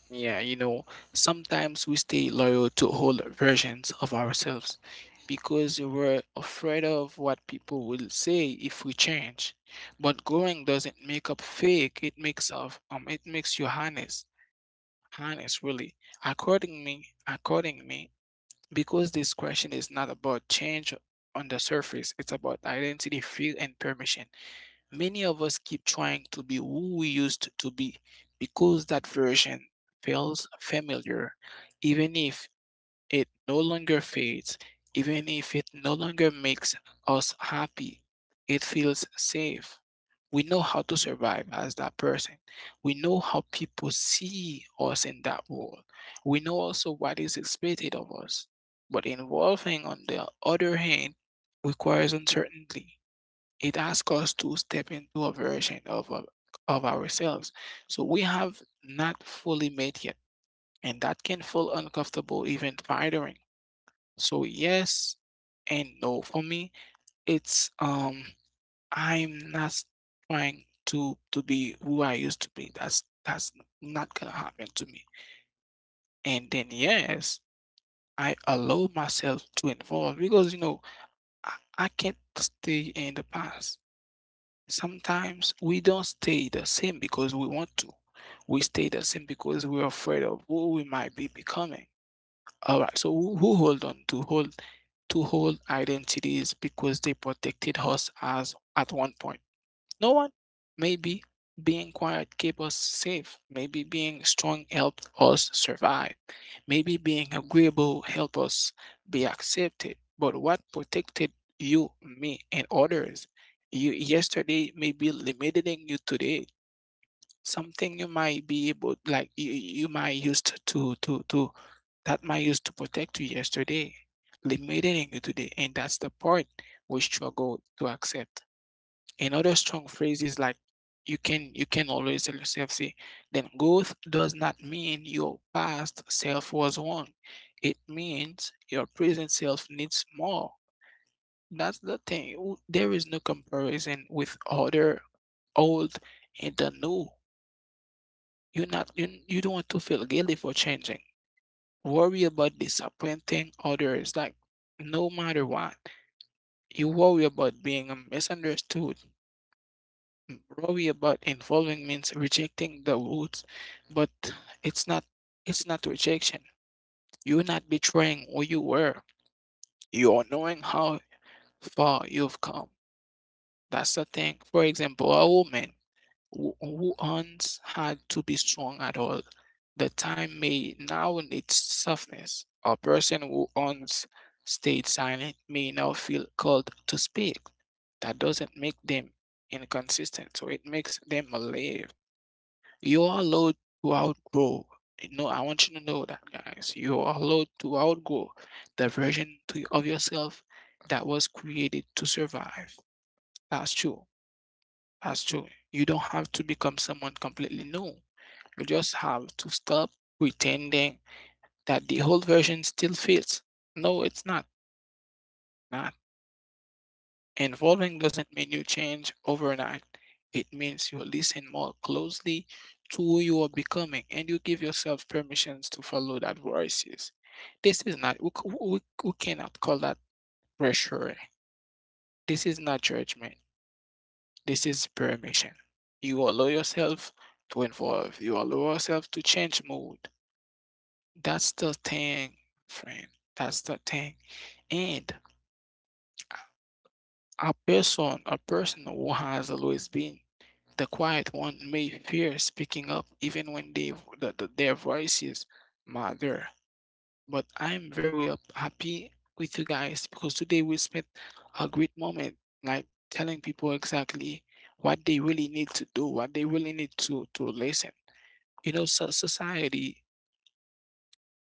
A: Yeah, sometimes we stay loyal to old versions of ourselves because we're afraid of what people will say if we change. But growing doesn't make up fake, it makes of it makes you honest. Honest really. Accordingly, accordingly, because this question is not about change on the surface, it's about identity, fear and permission. Many of us keep trying to be who we used to be because that version feels familiar, even if it no longer fades, even if it no longer makes us happy. It feels safe. We know how to survive as that person. We know how people see us in that world. We know also what is expected of us. But evolving, on the other hand, requires uncertainty. It asks us to step into a version of of ourselves so we have not fully met yet, and that can feel uncomfortable, even tiring. So yes and no for me. It's I'm not trying to be who I used to be. That's not gonna happen to me. And then yes, I allow myself to evolve because i, I can't stay in the past. Sometimes we don't stay the same because we want to. We stay the same because we're afraid of who we might be becoming. All right, so who hold on to hold identities because they protected us as at one point. No one. Maybe being quiet kept us safe. Maybe being strong helped us survive. Maybe being agreeable help us be accepted, but what protected you, me, and others? You yesterday may be limiting you today. Something you might be able, like you might used to that might used to protect you yesterday, limiting you today, and that's the part we struggle to accept. And other strong phrases like you can always tell yourself, say, then growth does not mean your past self was wrong. It means your present self needs more. That's the thing. There is no comparison with other old and the new. You're not you, you don't want to feel guilty for changing. Worry about disappointing others like no matter what. You worry about being misunderstood, worry about involving means rejecting the roots, but it's not it's not rejection. You're not betraying who you were. You are knowing how far you've come. That's the thing. For example, a woman who once had to be strong at all the time may now need softness. A person who once stayed silent may now feel called to speak. That doesn't make them inconsistent, so it makes them alive. You are allowed to outgrow. You know, I want you to know that, guys. You are allowed to outgrow the of yourself that was created to survive. That's true. That's true. You don't have to become someone completely new. You just have to stop pretending that the old version still fits. No, it's not. Nah, involving doesn't mean you change overnight. It means you listen more closely to who you are becoming, and you give yourself permissions to follow that voices. This is not, we cannot call that pressure. This is not judgment. This is permission. You allow yourself to evolve. You allow yourself to change mood. That's the thing, friend. That's the thing. And a person who has always been the quiet one may fear speaking up even when their voices matter. But I'm very up, happy with you guys because today we spent a great moment like telling people exactly what they really need to do, what they really need to listen. You know, so society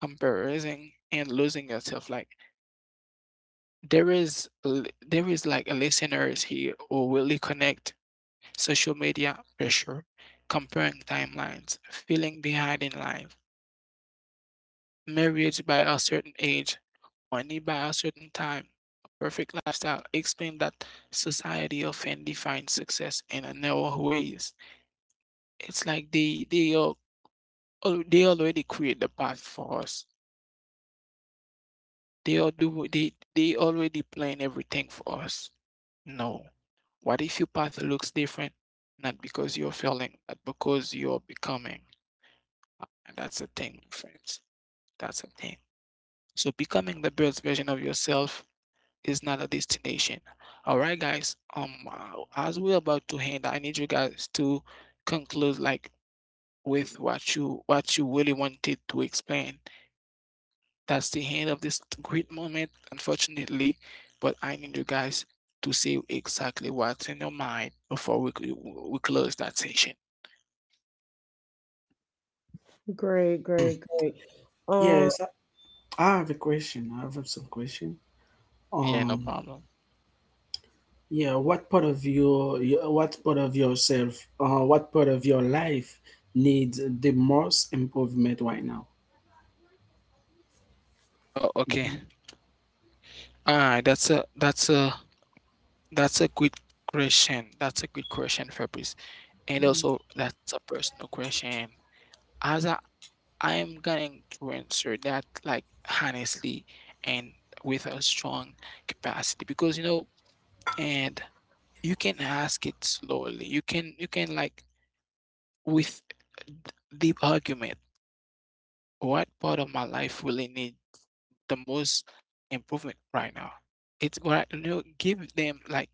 A: embarrassing and losing yourself. Like there is there is like a listeners here who really connect social media pressure, comparing timelines, feeling behind in life, marriage by a certain age, money by a certain time, a perfect lifestyle explain that society often defines success in a narrow ways. It's like they are they already create the path for us. They all do they already plan everything for us. No. What if your path looks different? Not because you're failing, but because you're becoming. And that's the thing, friends. That's the thing. So becoming the best version of yourself is not a destination. All right, guys. As we're about to end, I need you guys to conclude like with what you really wanted to explain that's the end of this great moment, unfortunately. But I need you guys to say exactly what's in your mind before we close that session.
B: Great, great, great. Um,
C: Yes, I have a question. I have some question.
A: Yeah, no
C: Um,
A: problem.
C: yeah, what part of your, what part of yourself, what part of your life needs the most improvement right now?
A: Oh, okay. All right, that's a good question. That's a good question, Fabrice. And also, that's a personal question. As I, I am going to answer that like honestly and with a strong capacity because you know, and you can ask it slowly. You can like with deep argument, what part of my life really need the most improvement right now? It's what I give them like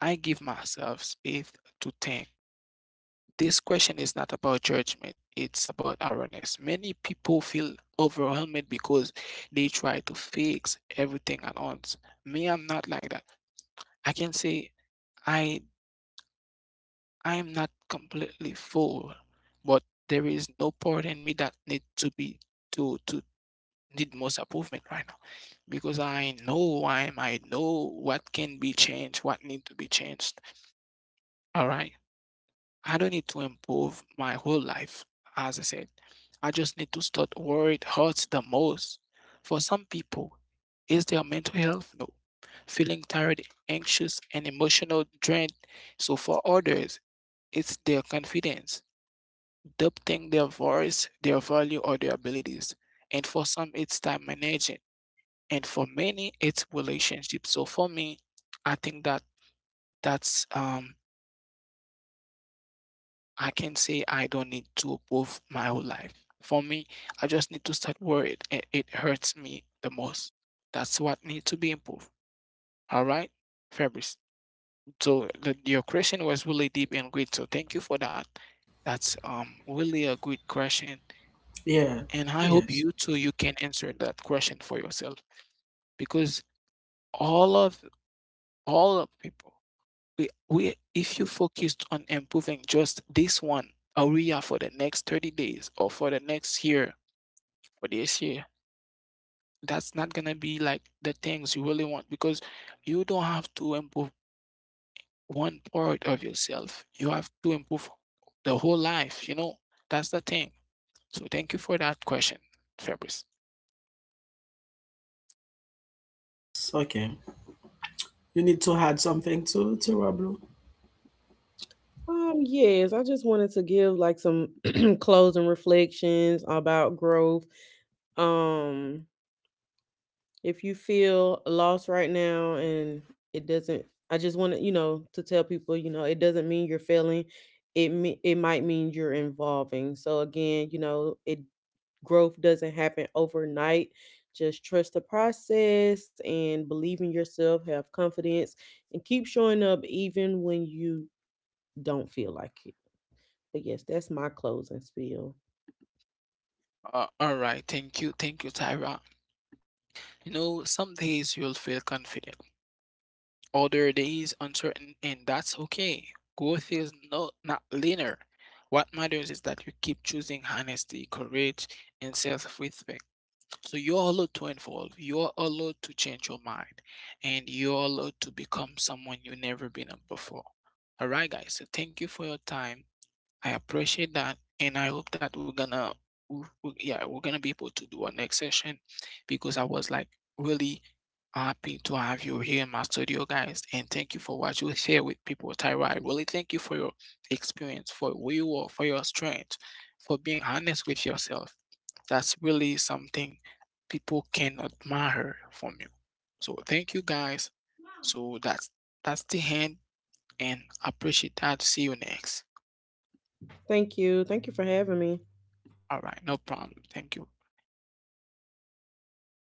A: I give myself space to think. This question is not about judgment, it's about awareness. Many people feel overwhelmed because they try to fix everything at once. Me, I'm not like that. I can say I I am not completely full, but there is no part in me that need to be to need most improvement right now. Because I know I know what can be changed, what need to be changed. All right. I don't need to improve my whole life, as I said. I just need to start where it hurts the most. For some people, is their mental health? No. Feeling tired, anxious, and emotional drained. So for others, it's their confidence, doubting their voice, their value, or their abilities. And for some, it's time management. And for many, it's relationships. So for me, I think that that's I can say I don't need to prove my whole life. For me, I just need to start where it hurts me the most. That's what needs to be improved. All right, Fabrice. So your question was really deep and great. So thank you for that. That's really a good question,
C: Yeah.
A: and I hope
C: Yes.
A: you too you can answer that question for yourself because all of all of people we if you focused on improving just this one area for the next 30 days or for the next year for this year, that's not gonna be like the things you really want because you don't have to improve one part of yourself, you have to improve the whole life, you know. That's the thing. So thank you for that question, Fabrice.
C: Okay. You need to add something to Roblo.
B: yes, I just wanted to give like some closing reflections about growth. Um, If you feel lost right now, and it doesn't, I just want to, you know, to tell people, you know, it doesn't mean you're failing. It might mean you're evolving. So again, you know, it, growth doesn't happen overnight. Just trust the process and believe in yourself, have confidence, and keep showing up even when you don't feel like it. But yes, that's my closing spiel.
A: Uh, all right, thank you, thank you, Tyra. You know, some days you'll feel confident. Other days uncertain, and that's okay. Growth is not linear. What matters is that you keep choosing honesty, courage, and self-respect. So you're allowed to evolve. You're allowed to change your mind, and you're allowed to become someone you've never been before. All right, guys. So thank you for your time. I appreciate that, and I hope that we're gonna, yeah, we're gonna be able to do our next session because I was like really happy to have you here in my studio, guys, and thank you for what you share with people, Tyra. I really thank you for your experience, for who you are, for your strength, for being honest with yourself. That's really something people can admire from you. So thank you, guys. So that's the end, and I appreciate that. See you next.
B: Thank you. Thank you for having me.
A: All right, no problem. Thank you.